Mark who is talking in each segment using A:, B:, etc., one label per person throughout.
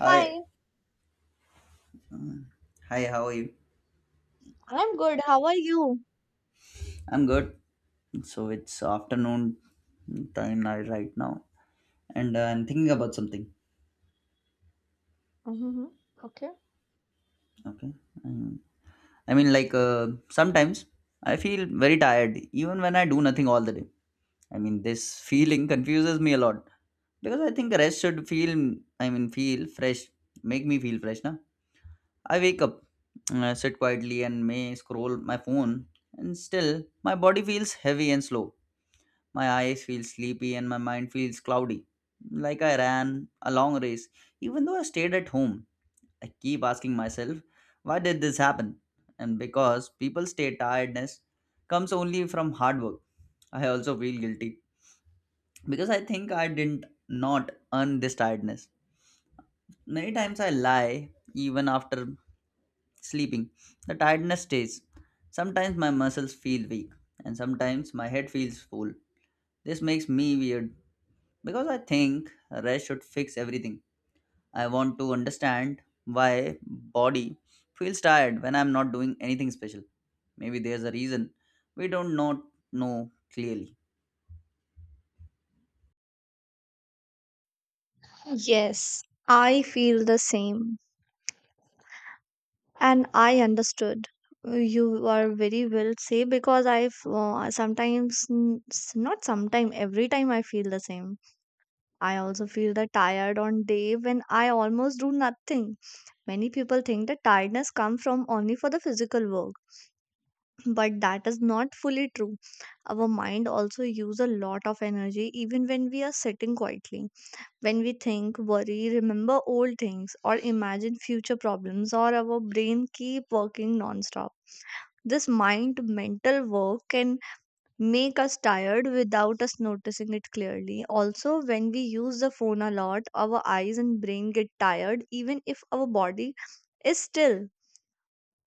A: Hi,
B: Hi,
A: hi, how are you?
B: I'm good. How are you?
A: I'm good. So it's afternoon time right now, and I'm thinking about something.
B: Mm-hmm. Okay.
A: Okay. Um, sometimes I feel very tired even when I do nothing all the day. I mean, this feeling confuses me a lot because I think rest should feel. I mean, feel fresh, make me feel fresh, na? I wake up, sit quietly, and may scroll my phone, and still my body feels heavy and slow. My eyes feel sleepy and my mind feels cloudy, like I ran a long race. Even though I stayed at home, I keep asking myself, why did this happen? And because people stay tiredness comes only from hard work. I also feel guilty because I think I didn't not earn this tiredness. Many times I lie even after sleeping. The tiredness stays. Sometimes my muscles feel weak and sometimes my head feels full. This makes me weird because I think rest should fix everything. I want to understand why body feels tired when I'm not doing anything special. Maybe there's a reason we don't not know clearly.
B: Yes, I feel the same. And I understood. You are very well say because I've sometimes, not sometime, every time I feel the same. I also feel the tired on day when I almost do nothing. Many people think that tiredness comes from only for the physical work, but that is not fully true. Our mind also use a lot of energy even when we are sitting quietly. When we think, worry, remember old things, or imagine future problems, or our brain keep working nonstop. This mind mental work can make us tired without us noticing it clearly. Also, when we use the phone a lot, our eyes and brain get tired even if our body is still.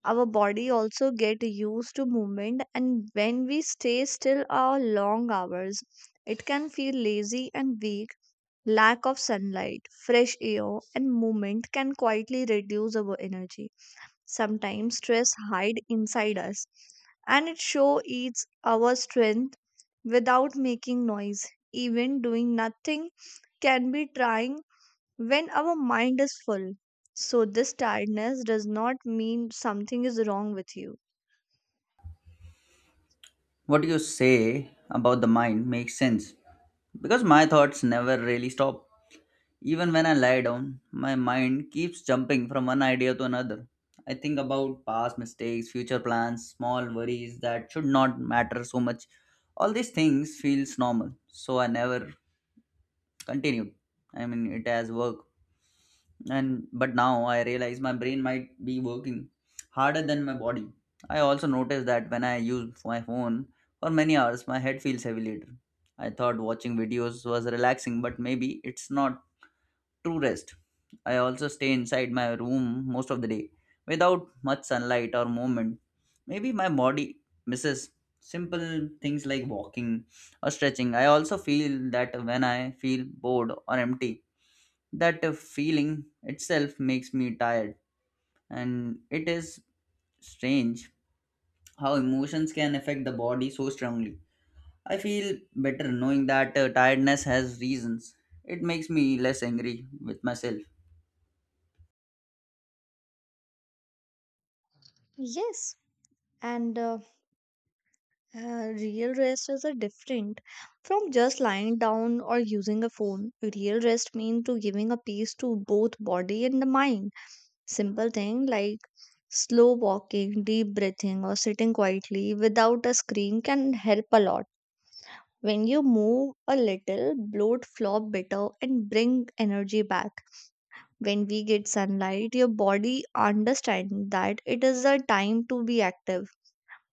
B: Our body also get used to movement and when we stay still for long hours, it can feel lazy and weak. Lack of sunlight, fresh air, and movement can quietly reduce our energy. Sometimes stress hide inside us, and it show its our strength without making noise. Even doing nothing can be trying when our mind is full. So this tiredness does not mean something is wrong with you.
A: What you say about the mind makes sense because my thoughts never really stop. Even when I lie down, my mind keeps jumping from one idea to another. I think about past mistakes, future plans, small worries that should not matter so much. All these things feels normal, so I never continued. I mean, it has work, and but now I realize my brain might be working harder than my body. I also noticed that when I use my phone for many hours, my head feels heavy later. I thought watching videos was relaxing, but maybe it's not to rest. I also stay inside my room most of the day without much sunlight or movement. Maybe my body misses simple things like walking or stretching. I also feel that when I feel bored or empty, that feeling itself makes me tired. And it is strange how emotions can affect the body so strongly. I feel better knowing that tiredness has reasons. It makes me less angry with myself.
B: Yes, and real rest is a different from just lying down or using a phone. Real rest means to giving a peace to both body and the mind. Simple thing like slow walking, deep breathing, or sitting quietly without a screen can help a lot. When you move a little, bloat flop better and bring energy back. When we get sunlight, your body understand that it is a time to be active.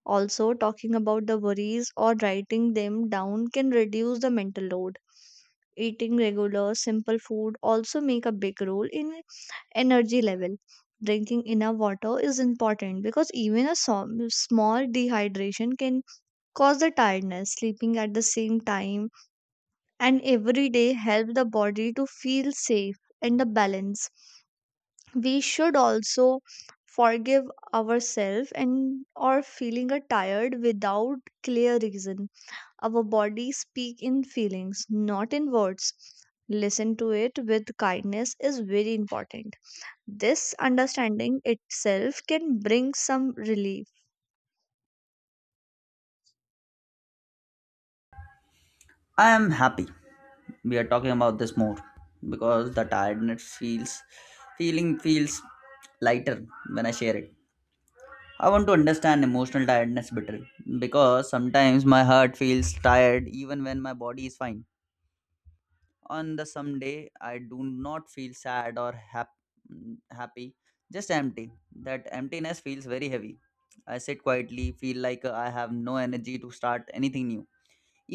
B: Also, talking about the worries or writing them down can reduce the mental load. Eating regular, simple food also make a big role in energy level. Drinking enough water is important because even a small dehydration can cause the tiredness. Sleeping at the same time and every day help the body to feel safe and the balance. We should also forgive ourselves and or feeling a tired without clear reason. Our body speak in feelings not in words. Listen to it with kindness is very important. This understanding itself can bring some relief.
A: I am happy we are talking about this more because the tiredness feels feeling feels lighter when I share it. I want to understand emotional tiredness better because sometimes my heart feels tired even when my body is fine on the some day. I do not feel sad or happy, just empty. That emptiness feels very heavy. I sit quietly feel like I have no energy to start anything new.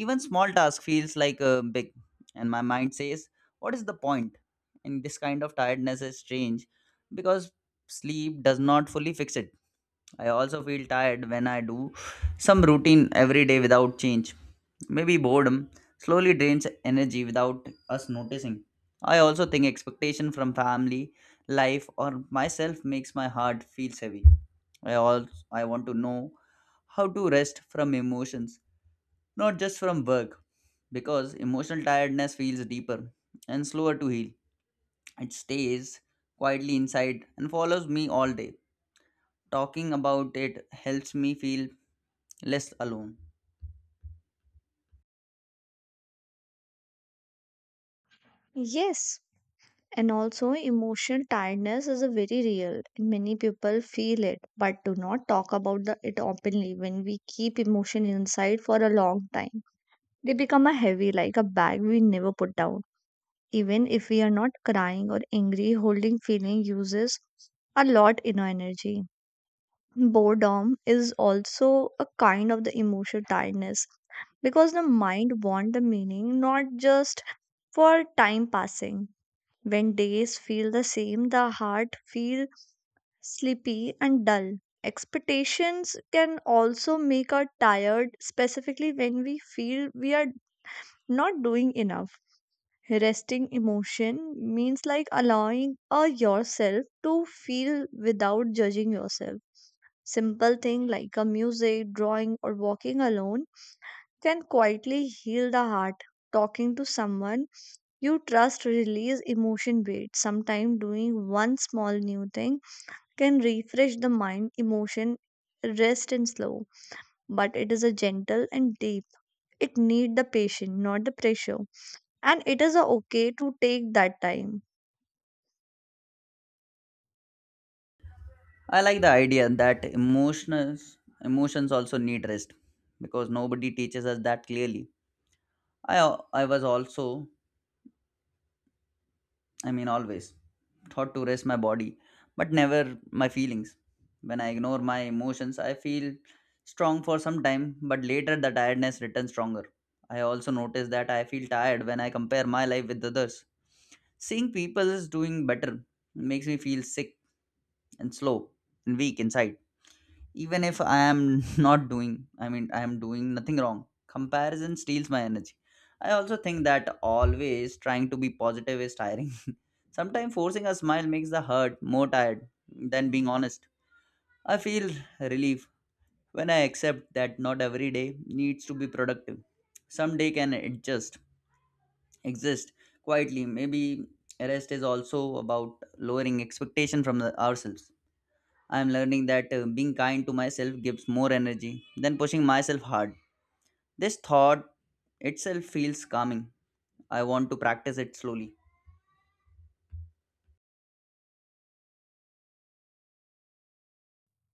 A: Even small task feels like a big, and my mind says, what is the point? And this kind of tiredness is strange because sleep does not fully fix it. I also feel tired when I do some routine every day without change. Maybe boredom slowly drains energy without us noticing. I also think expectation from family, life, or myself makes my heart feel heavy. I also I want to know how to rest from emotions not just from work, because emotional tiredness feels deeper and slower to heal. It stays quietly inside and follows me all day. Talking about it helps me feel less alone.
B: Yes, and also emotional tiredness is a very real and many people feel it but do not talk about it openly. When we keep emotion inside for a long time, they become a heavy, like a bag we never put down. Even if we are not crying or angry, holding feeling uses a lot in energy. Boredom is also a kind of the emotional tiredness because the mind want the meaning not just for time passing. When days feel the same, the heart feel sleepy and dull. Expectations can also make us tired, specifically when we feel we are not doing enough. Resting emotion means like allowing a yourself to feel without judging yourself. Simple thing like a music, drawing, or walking alone can quietly heal the heart. Talking to someone you trust release emotion weight. Sometimes doing one small new thing can refresh the mind. Emotion rest and slow, but it is a gentle and deep. It need the patient, not the pressure, and it is a okay to take that time.
A: I like the idea that emotions also need rest because nobody teaches us that clearly. I I was also I mean always thought to rest my body, but never my feelings. When I ignore my emotions, I feel strong for some time, but later the tiredness returns stronger. I also notice that I feel tired when I compare my life with others. Seeing people is doing better makes me feel sick and slow and weak inside even if I am not doing. I mean, I am doing nothing wrong. Comparison steals my energy. I also think that always trying to be positive is tiring. Sometimes forcing a smile makes the hurt more tired than being honest. I feel relief when I accept that not every day needs to be productive. Some day can adjust, exist quietly. Maybe rest is also about lowering expectation from ourselves. I am learning that being kind to myself gives more energy than pushing myself hard. This thought itself feels calming. I want to practice it slowly.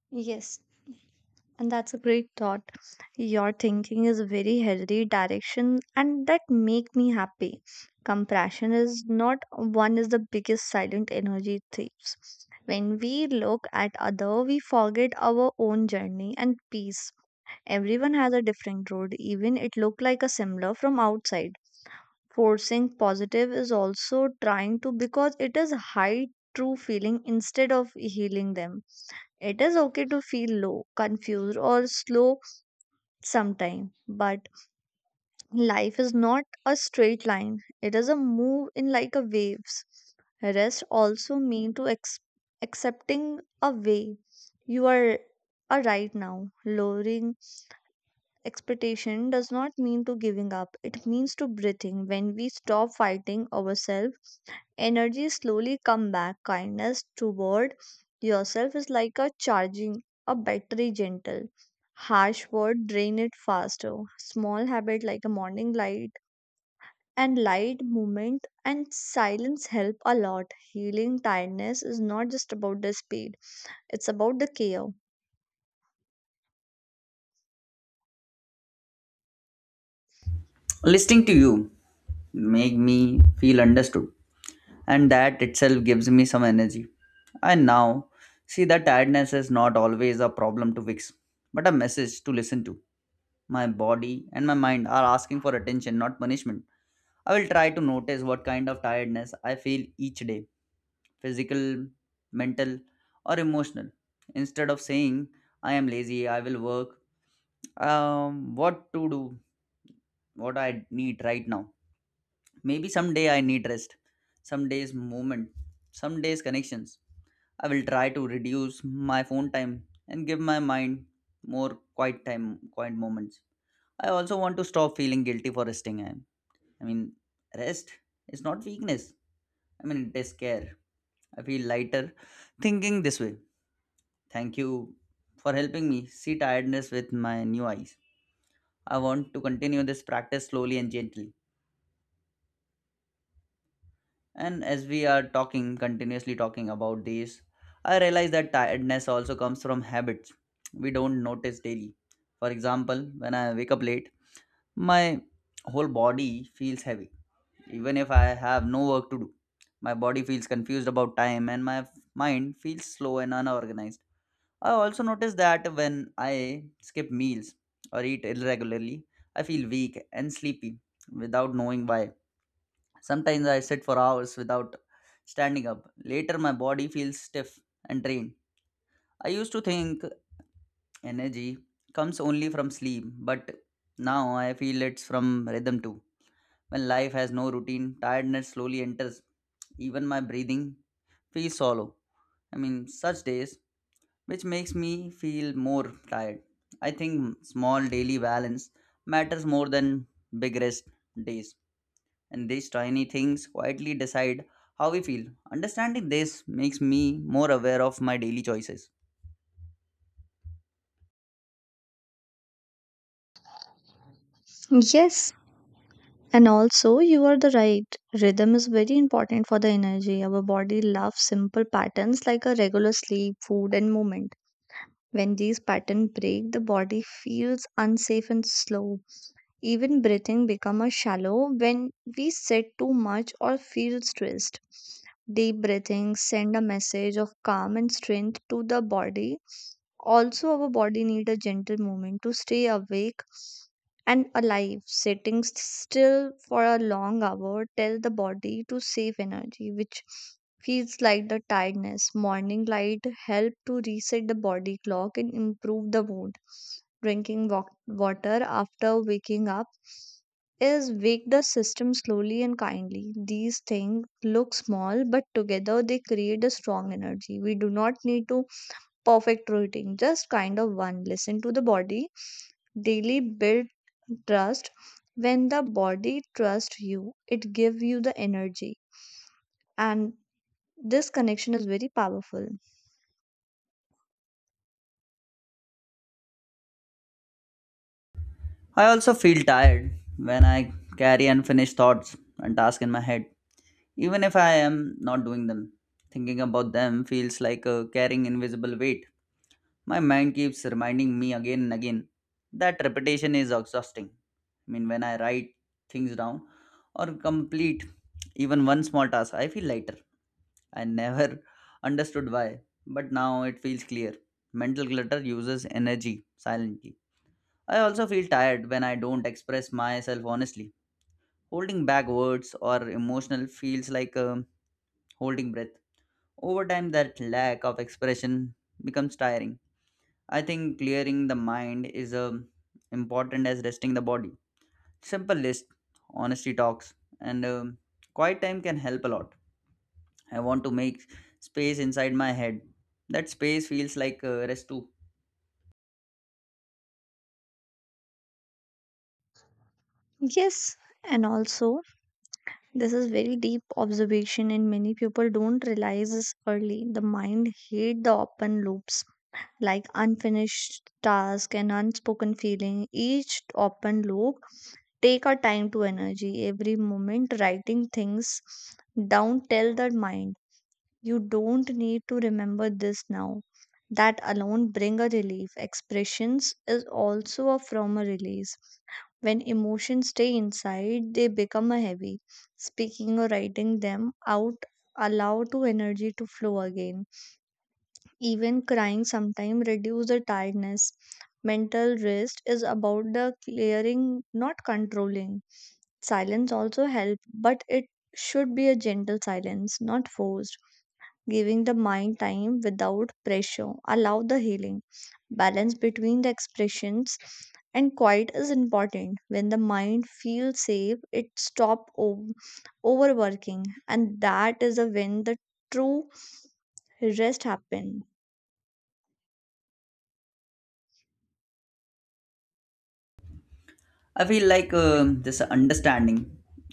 B: Yes, and that's a great thought. Your thinking is a very healthy direction and that make me happy. Compassion is not one is the biggest silent energy thieves. When we look at other, we forget our own journey and peace. Everyone has a different road, even it look like a similar from outside. Forcing positive is also trying to because it is high true feeling instead of healing them. It is okay to feel low, confused, or slow sometime, but life is not a straight line. It is a move in like a waves. Rest also mean to accepting a way you are right now. Lowering expectation does not mean to giving up. It means to breathing. When we stop fighting ourselves, energy slowly come back. Kindness toward yourself is like a charging a battery gentle. Harsh word drain it faster. Small habit like a morning light and light movement and silence help a lot. Healing tiredness is not just about the speed, it's about the care.
A: Listening to you make me feel understood, and that itself gives me some energy. I now see that tiredness is not always a problem to fix, but a message to listen to. My body and my mind are asking for attention, not punishment. I will try to notice what kind of tiredness I feel each day, physical, mental, or emotional. Instead of saying, I am lazy, I will work, what to do, what I need right now. Maybe someday I need rest, some days movement, some days connections. I will try to reduce my phone time and give my mind more quiet time, quiet moments. I also want to stop feeling guilty for resting. I mean, rest is not weakness. I mean, it is care. I feel lighter thinking this way. Thank you for helping me see tiredness with my new eyes. I want to continue this practice slowly and gently. And as we are talking, continuously talking about this, I realize that tiredness also comes from habits we don't notice daily. For example, when I wake up late, my whole body feels heavy even if I have no work to do. My body feels confused about time and my mind feels slow and unorganized. I also notice that when I skip meals or eat irregularly, I feel weak and sleepy without knowing why. Sometimes I sit for hours without standing up. Later, my body feels stiff and drained. I used to think energy comes only from sleep, but now I feel it's from rhythm too. When life has no routine, tiredness slowly enters. Even my breathing feels hollow. I mean, such days, which makes me feel more tired. I think small daily balance matters more than big rest days. And these tiny things quietly decide how we feel. Understanding this makes me more aware of my daily choices.
B: Yes, and also you are the right. Rhythm is very important for the energy. Our body loves simple patterns like a regular sleep, food, and movement. When these patterns break, the body feels unsafe and slow. Even breathing becomes shallow when we sit too much or feel stressed. Deep breathing send a message of calm and strength to the body. Also, our body need a gentle movement to stay awake and alive. Sitting still for a long hour tell the body to save energy, which feels like the tiredness. Morning light help to reset the body clock and improve the mood. Drinking water after waking up is wake the system slowly and kindly. These things look small, but together they create a strong energy. We do not need to perfect routine, just kind of one. Listen to the body. Daily build trust. When the body trusts you, it gives you the energy. And this connection is very powerful.
A: I also feel tired when I carry unfinished thoughts and tasks in my head. Even if I am not doing them, thinking about them feels like carrying invisible weight. My mind keeps reminding me again and again that repetition is exhausting. I mean, when I write things down or complete even one small task, I feel lighter. I never understood why, but now it feels clear. Mental clutter uses energy silently. I also feel tired when I don't express myself honestly. Holding back words or emotional feels like holding breath over time, that lack of expression becomes tiring. I think clearing the mind is important as resting the body. Simple list, honesty talks, and quiet time can help a lot. I want to make space inside my head. That space feels like rest too.
B: Yes, and also this is very deep observation and many people don't realize this early. The mind hate the open loops like unfinished task and unspoken feeling. Each open loop take our time to energy. Every moment writing things down tell the mind you don't need to remember this now. That alone bring a relief. Expressions is also a from a release. When emotions stay inside, they become a heavy. Speaking or writing them out allow to energy to flow again. Even crying sometimes reduce the tiredness. Mental rest is about the clearing, not controlling. Silence also help, but it should be a gentle silence, not forced, giving the mind time without pressure. Allow the healing. Balance between the expressions and quiet is important. When the mind feels safe, it stops overworking, and that is a when the true rest happen.
A: I feel like this understanding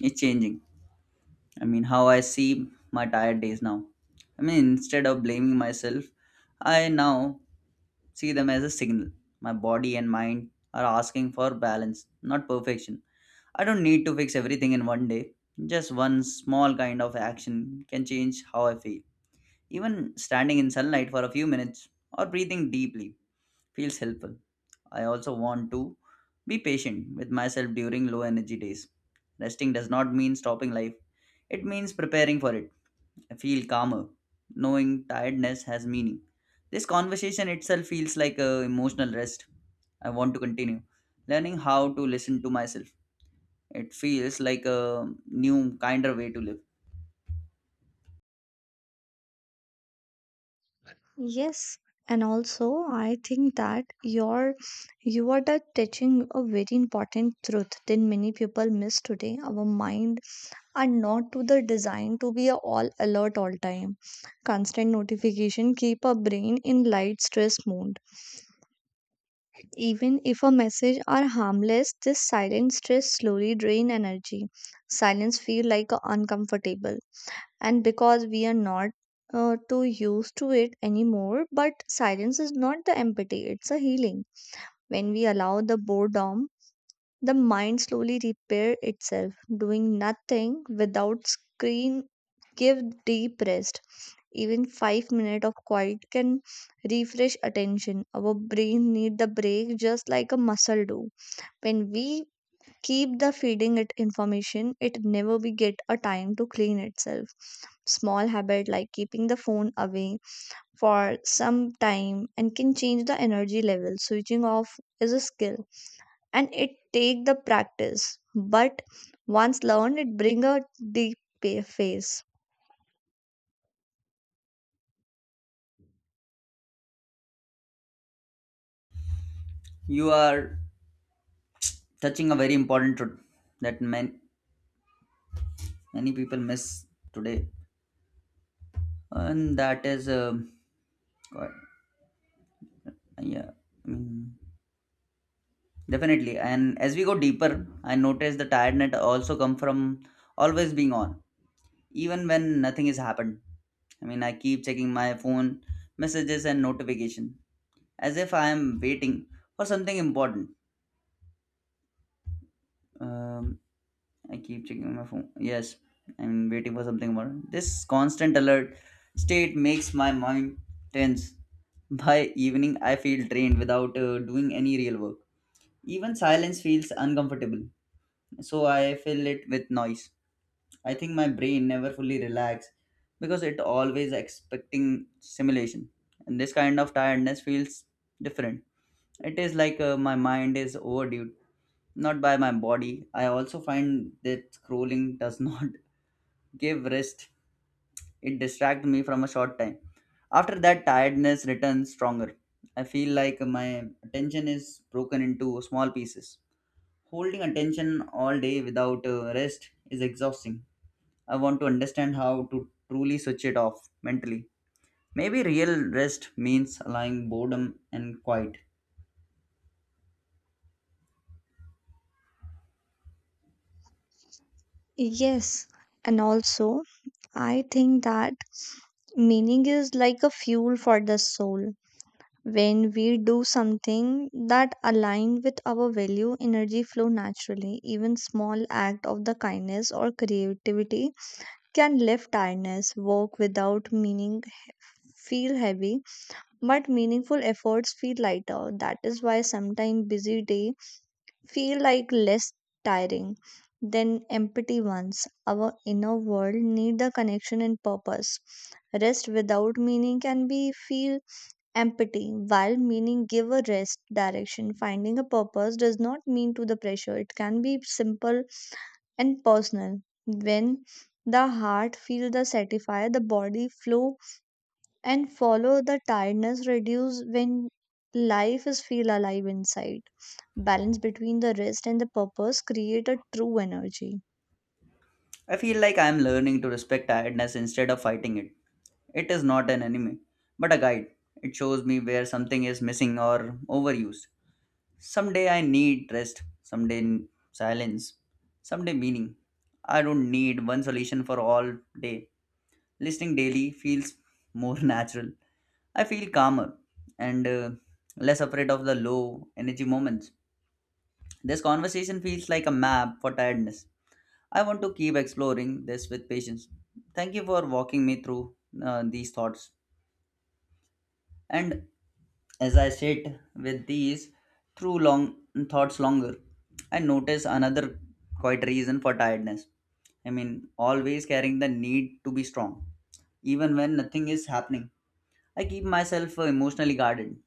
A: is changing. I mean, how I see my tired days now. I mean, instead of blaming myself, I now see them as a signal. My body and mind are asking for balance, not perfection. I don't need to fix everything in one day. Just one small kind of action can change how I feel. Even standing in sunlight for a few minutes or breathing deeply feels helpful. I also want to be patient with myself during low energy days. Resting does not mean stopping life, it means preparing for it. I feel calmer, knowing tiredness has meaning. This conversation itself feels like a emotional rest. I want to continue learning how to listen to myself. It feels like a new, kinder way to live.
B: Yes, and also I think that you are the touching a very important truth that many people miss today. Our mind and not to the design to be a all alert all time. Constant notification keep a brain in light stress mode. Even if a message are harmless, this silent stress slowly drain energy. Silence feel like a uncomfortable and because we are not too used to it anymore, but silence is not the empathy, it's a healing. When we allow the boredom, the mind slowly repair itself. Doing nothing without screen give deep rest. Even 5 minutes of quiet can refresh attention. Our brain need the break just like a muscle do. When we keep the feeding it information, it never we get a time to clean itself. Small habit like keeping the phone away for some time and can change the energy level. Switching off is a skill, and it take the practice, but once learned it bring a deep phase.
A: You are touching a very important truth that many, many people miss today, and that is, God, yeah, I mean, definitely. And as we go deeper, I notice the tiredness also come from always being on even when nothing has happened. I mean, I keep checking my phone, messages, and notification as if I am waiting for something important. Um, I keep checking my phone. Yes, I'm waiting for something important. This constant alert state makes my mind tense. By evening, I feel drained without doing any real work. Even silence feels uncomfortable, so I fill it with noise. I think my brain never fully relax because it always expecting simulation. And this kind of tiredness feels different. It is like my mind is overdue, not by my body. I also find that scrolling does not give rest. It distracts me from a short time. After that, tiredness returns stronger. I feel like my attention is broken into small pieces. Holding attention all day without rest is exhausting. I want to understand how to truly switch it off mentally. Maybe real rest means allowing boredom and quiet.
B: Yes, and also I think that meaning is like a fuel for the soul. When we do something that align with our value, energy flow naturally. Even small act of the kindness or creativity can lift tiredness. Work without meaning feel heavy, but meaningful efforts feel lighter. That is why sometimes busy day feel like less tiring than empty ones. Our inner world need the connection and purpose. Rest without meaning can be feel empty, while meaning give a rest direction. Finding a purpose does not mean to the pressure. It can be simple and personal. When the heart feel the satisfy, the body flow and follow. The tiredness reduce when life is feel alive inside. Balance between the rest and the purpose create a true energy.
A: I feel like I am learning to respect tiredness instead of fighting it. It is not an enemy, but a guide. It shows me where something is missing or overused. Someday I need rest, someday silence, someday meaning. I don't need one solution for all day. Listening daily feels more natural. I feel calmer and less afraid of the low energy moments. This conversation feels like a map for tiredness. I want to keep exploring this with patience. Thank you for walking me through these thoughts. And as I sit with these through long thoughts longer, I notice another quite reason for tiredness. Always carrying the need to be strong, even when nothing is happening. I keep myself emotionally guarded.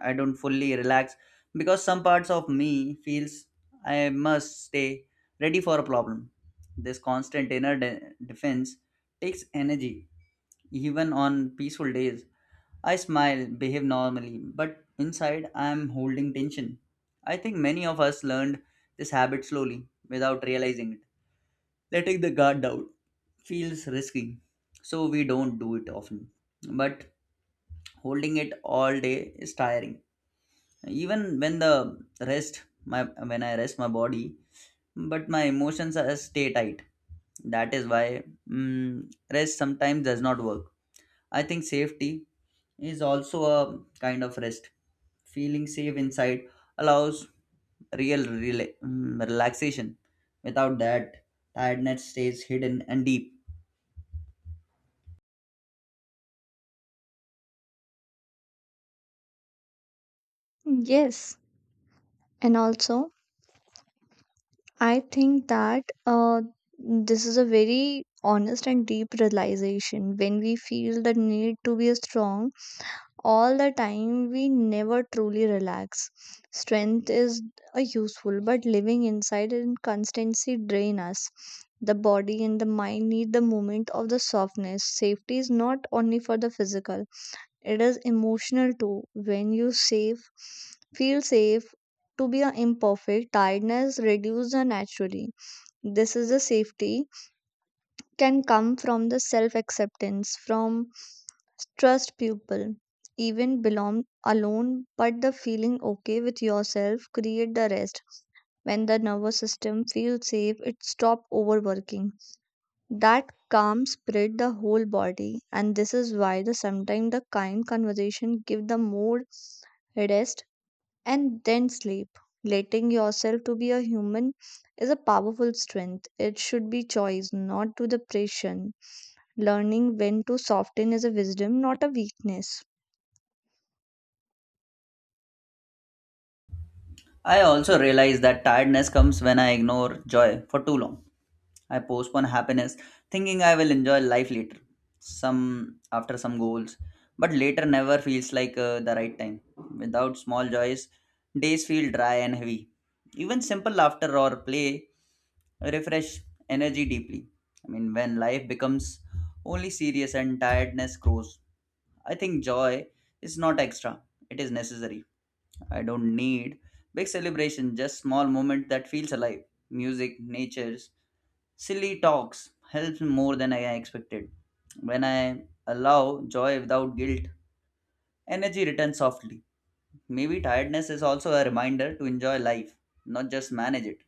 A: I don't fully relax because some parts of me feels I must stay ready for a problem. This constant inner defense takes energy even on peaceful days. I smile, behave normally, but inside I am holding tension. I think many of us learned this habit slowly without realizing it. Letting the guard down feels risky, so we don't do it often. But holding it all day is tiring even when the rest my when I rest my body, but my emotions are stay tight. That is why, mm, rest sometimes does not work. I think safety is also a kind of rest. Feeling safe inside allows real relaxation. Without that, tiredness stays hidden and deep.
B: Yes, and also I think that this is a very honest and deep realization. When we feel the need to be strong all the time, we never truly relax. Strength is a useful, but living inside and constancy drain us. The body and the mind need the movement of the softness. Safety is not only for the physical, it is emotional too. When you safe feel safe to be a imperfect, tiredness reduces naturally. This is the safety can come from the self acceptance, from trust people, even belong alone, but the feeling okay with yourself create the rest. When the nervous system feels safe, it stop overworking. That calm spread the whole body, and this is why the sometimes the kind conversation give the mood rest and then sleep. Letting yourself to be a human is a powerful strength. It should be choice, not to the pressure. Learning when to soften is a wisdom, not a weakness.
A: I also realize that tiredness comes when I ignore joy for too long. I postpone happiness, thinking I will enjoy life later, some after some goals. But later never feels like the right time. Without small joys, days feel dry and heavy. Even simple laughter or play refresh energy deeply. When life becomes only serious and tiredness grows, I think joy is not extra, it is necessary. I don't need big celebration, just small moment that feels alive. Music, natures, silly talks helps me more than I expected. When I allow joy without guilt, energy returns softly. Maybe tiredness is also a reminder to enjoy life, not just manage it.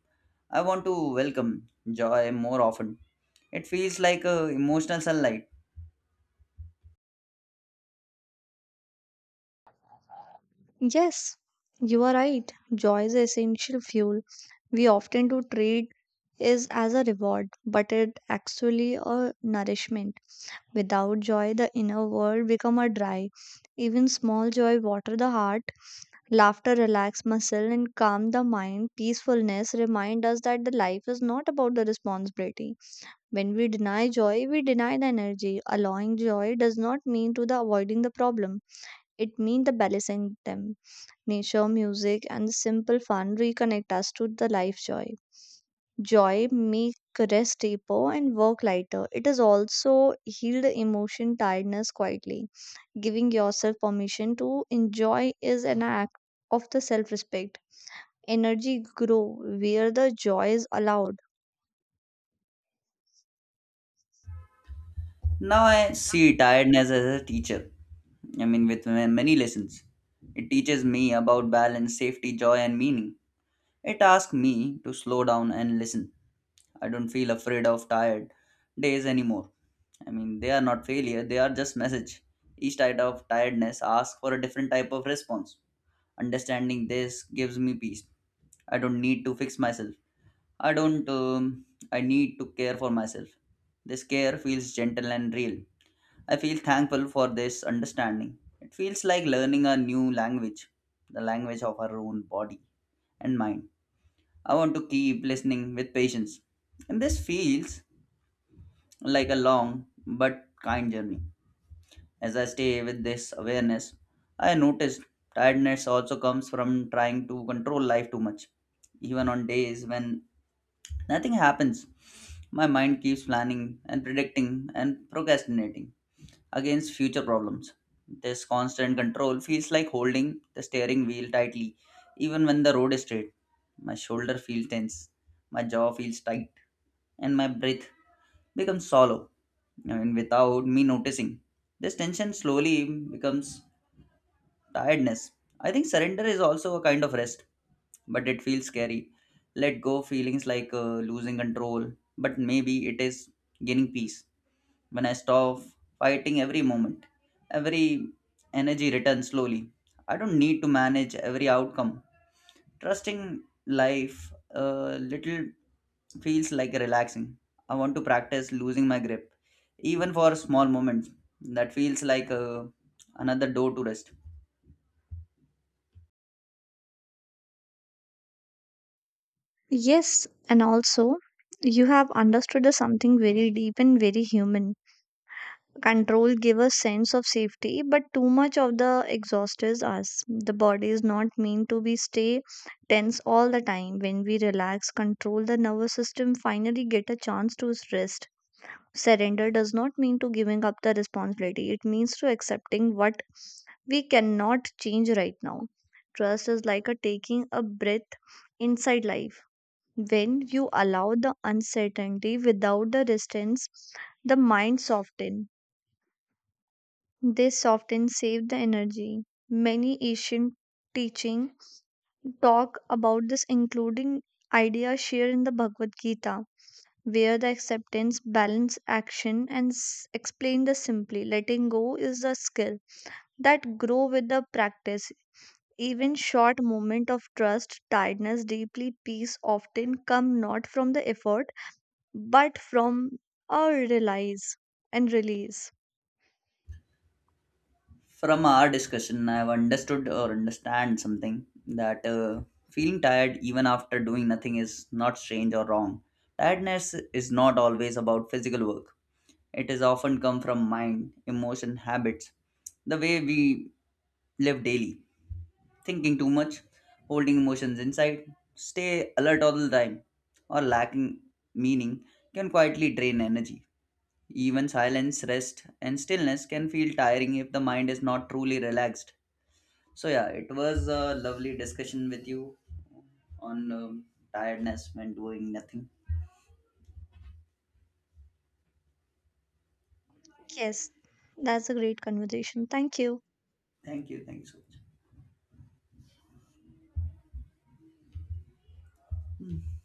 A: I want to welcome joy more often. It feels like a emotional sunlight.
B: Yes, you are right. Joy is essential fuel. We often do treat is as a reward, but it actually a nourishment. Without joy, the inner world become a dry. Even small joy water the heart, laughter relax muscle and calm the mind. Peacefulness remind us that the life is not about the responsibility. When we deny joy, we deny the energy. Allowing joy does not mean to the avoiding the problem. It means the balancing them. Nature, music, and the simple fun reconnect us to the life joy. Joy make rest deeper and work lighter. It is also heal the emotion tiredness quietly. Giving yourself permission to enjoy is an act of the self-respect. Energy grow where the joy is allowed.
A: Now I see tiredness as a teacher. With many lessons. It teaches me about balance, safety, joy, and meaning. It asks me to slow down and listen. I don't feel afraid of tired days anymore. They are not failure, they are just message. Each type of tiredness asks for a different type of response. Understanding this gives me peace. I don't need to fix myself. I don't, I need to care for myself. This care feels gentle and real. I feel thankful for this understanding. It feels like learning a new language, the language of our own body and mind. I want to keep listening with patience. And this feels like a long but kind journey. As I stay with this awareness, I noticed tiredness also comes from trying to control life too much. Even on days when nothing happens, my mind keeps planning and predicting and procrastinating against future problems. This constant control feels like holding the steering wheel tightly, even when the road is straight. My shoulder feels tense, my jaw feels tight, and my breath becomes shallow. Without me noticing, this tension slowly becomes tiredness. I think surrender is also a kind of rest, but it feels scary. Let go feelings like losing control, but maybe it is gaining peace. When I stop fighting every moment, every energy returns slowly. I don't need to manage every outcome. Trusting life a little feels like relaxing. I want to practice losing my grip, even for small moments. That feels like another door to rest.
B: Yes, and also you have understood the something very deep and very human. Control give a sense of safety, but too much of the exhaust is us. The body is not meant to be stay tense all the time. When we relax control, the nervous system finally get a chance to rest. Surrender does not mean to giving up the responsibility, it means to accepting what we cannot change right now. Trust is like a taking a breath inside life. When you allow the uncertainty without the resistance, the mind softens. This often saved the energy. Many ancient teaching talk about this, including ideas shared in the Bhagavad Gita, where the acceptance balance action and explain this simply. Letting go is a skill that grow with the practice. Even short moment of trust tiredness deeply. Peace often come not from the effort, but from a realize and release.
A: From our discussion, I've understood or understand something that feeling tired even after doing nothing is not strange or wrong. Tiredness is not always about physical work. It is often come from mind, emotion, habits, the way we live daily, thinking too much, holding emotions inside, stay alert all the time, or lacking meaning can quietly drain energy. Even silence, rest, and stillness can feel tiring if the mind is not truly relaxed. So yeah, it was a lovely discussion with you on tiredness when doing nothing.
B: Yes, that's a great conversation, thank you.
A: Thank you. Thank you so much.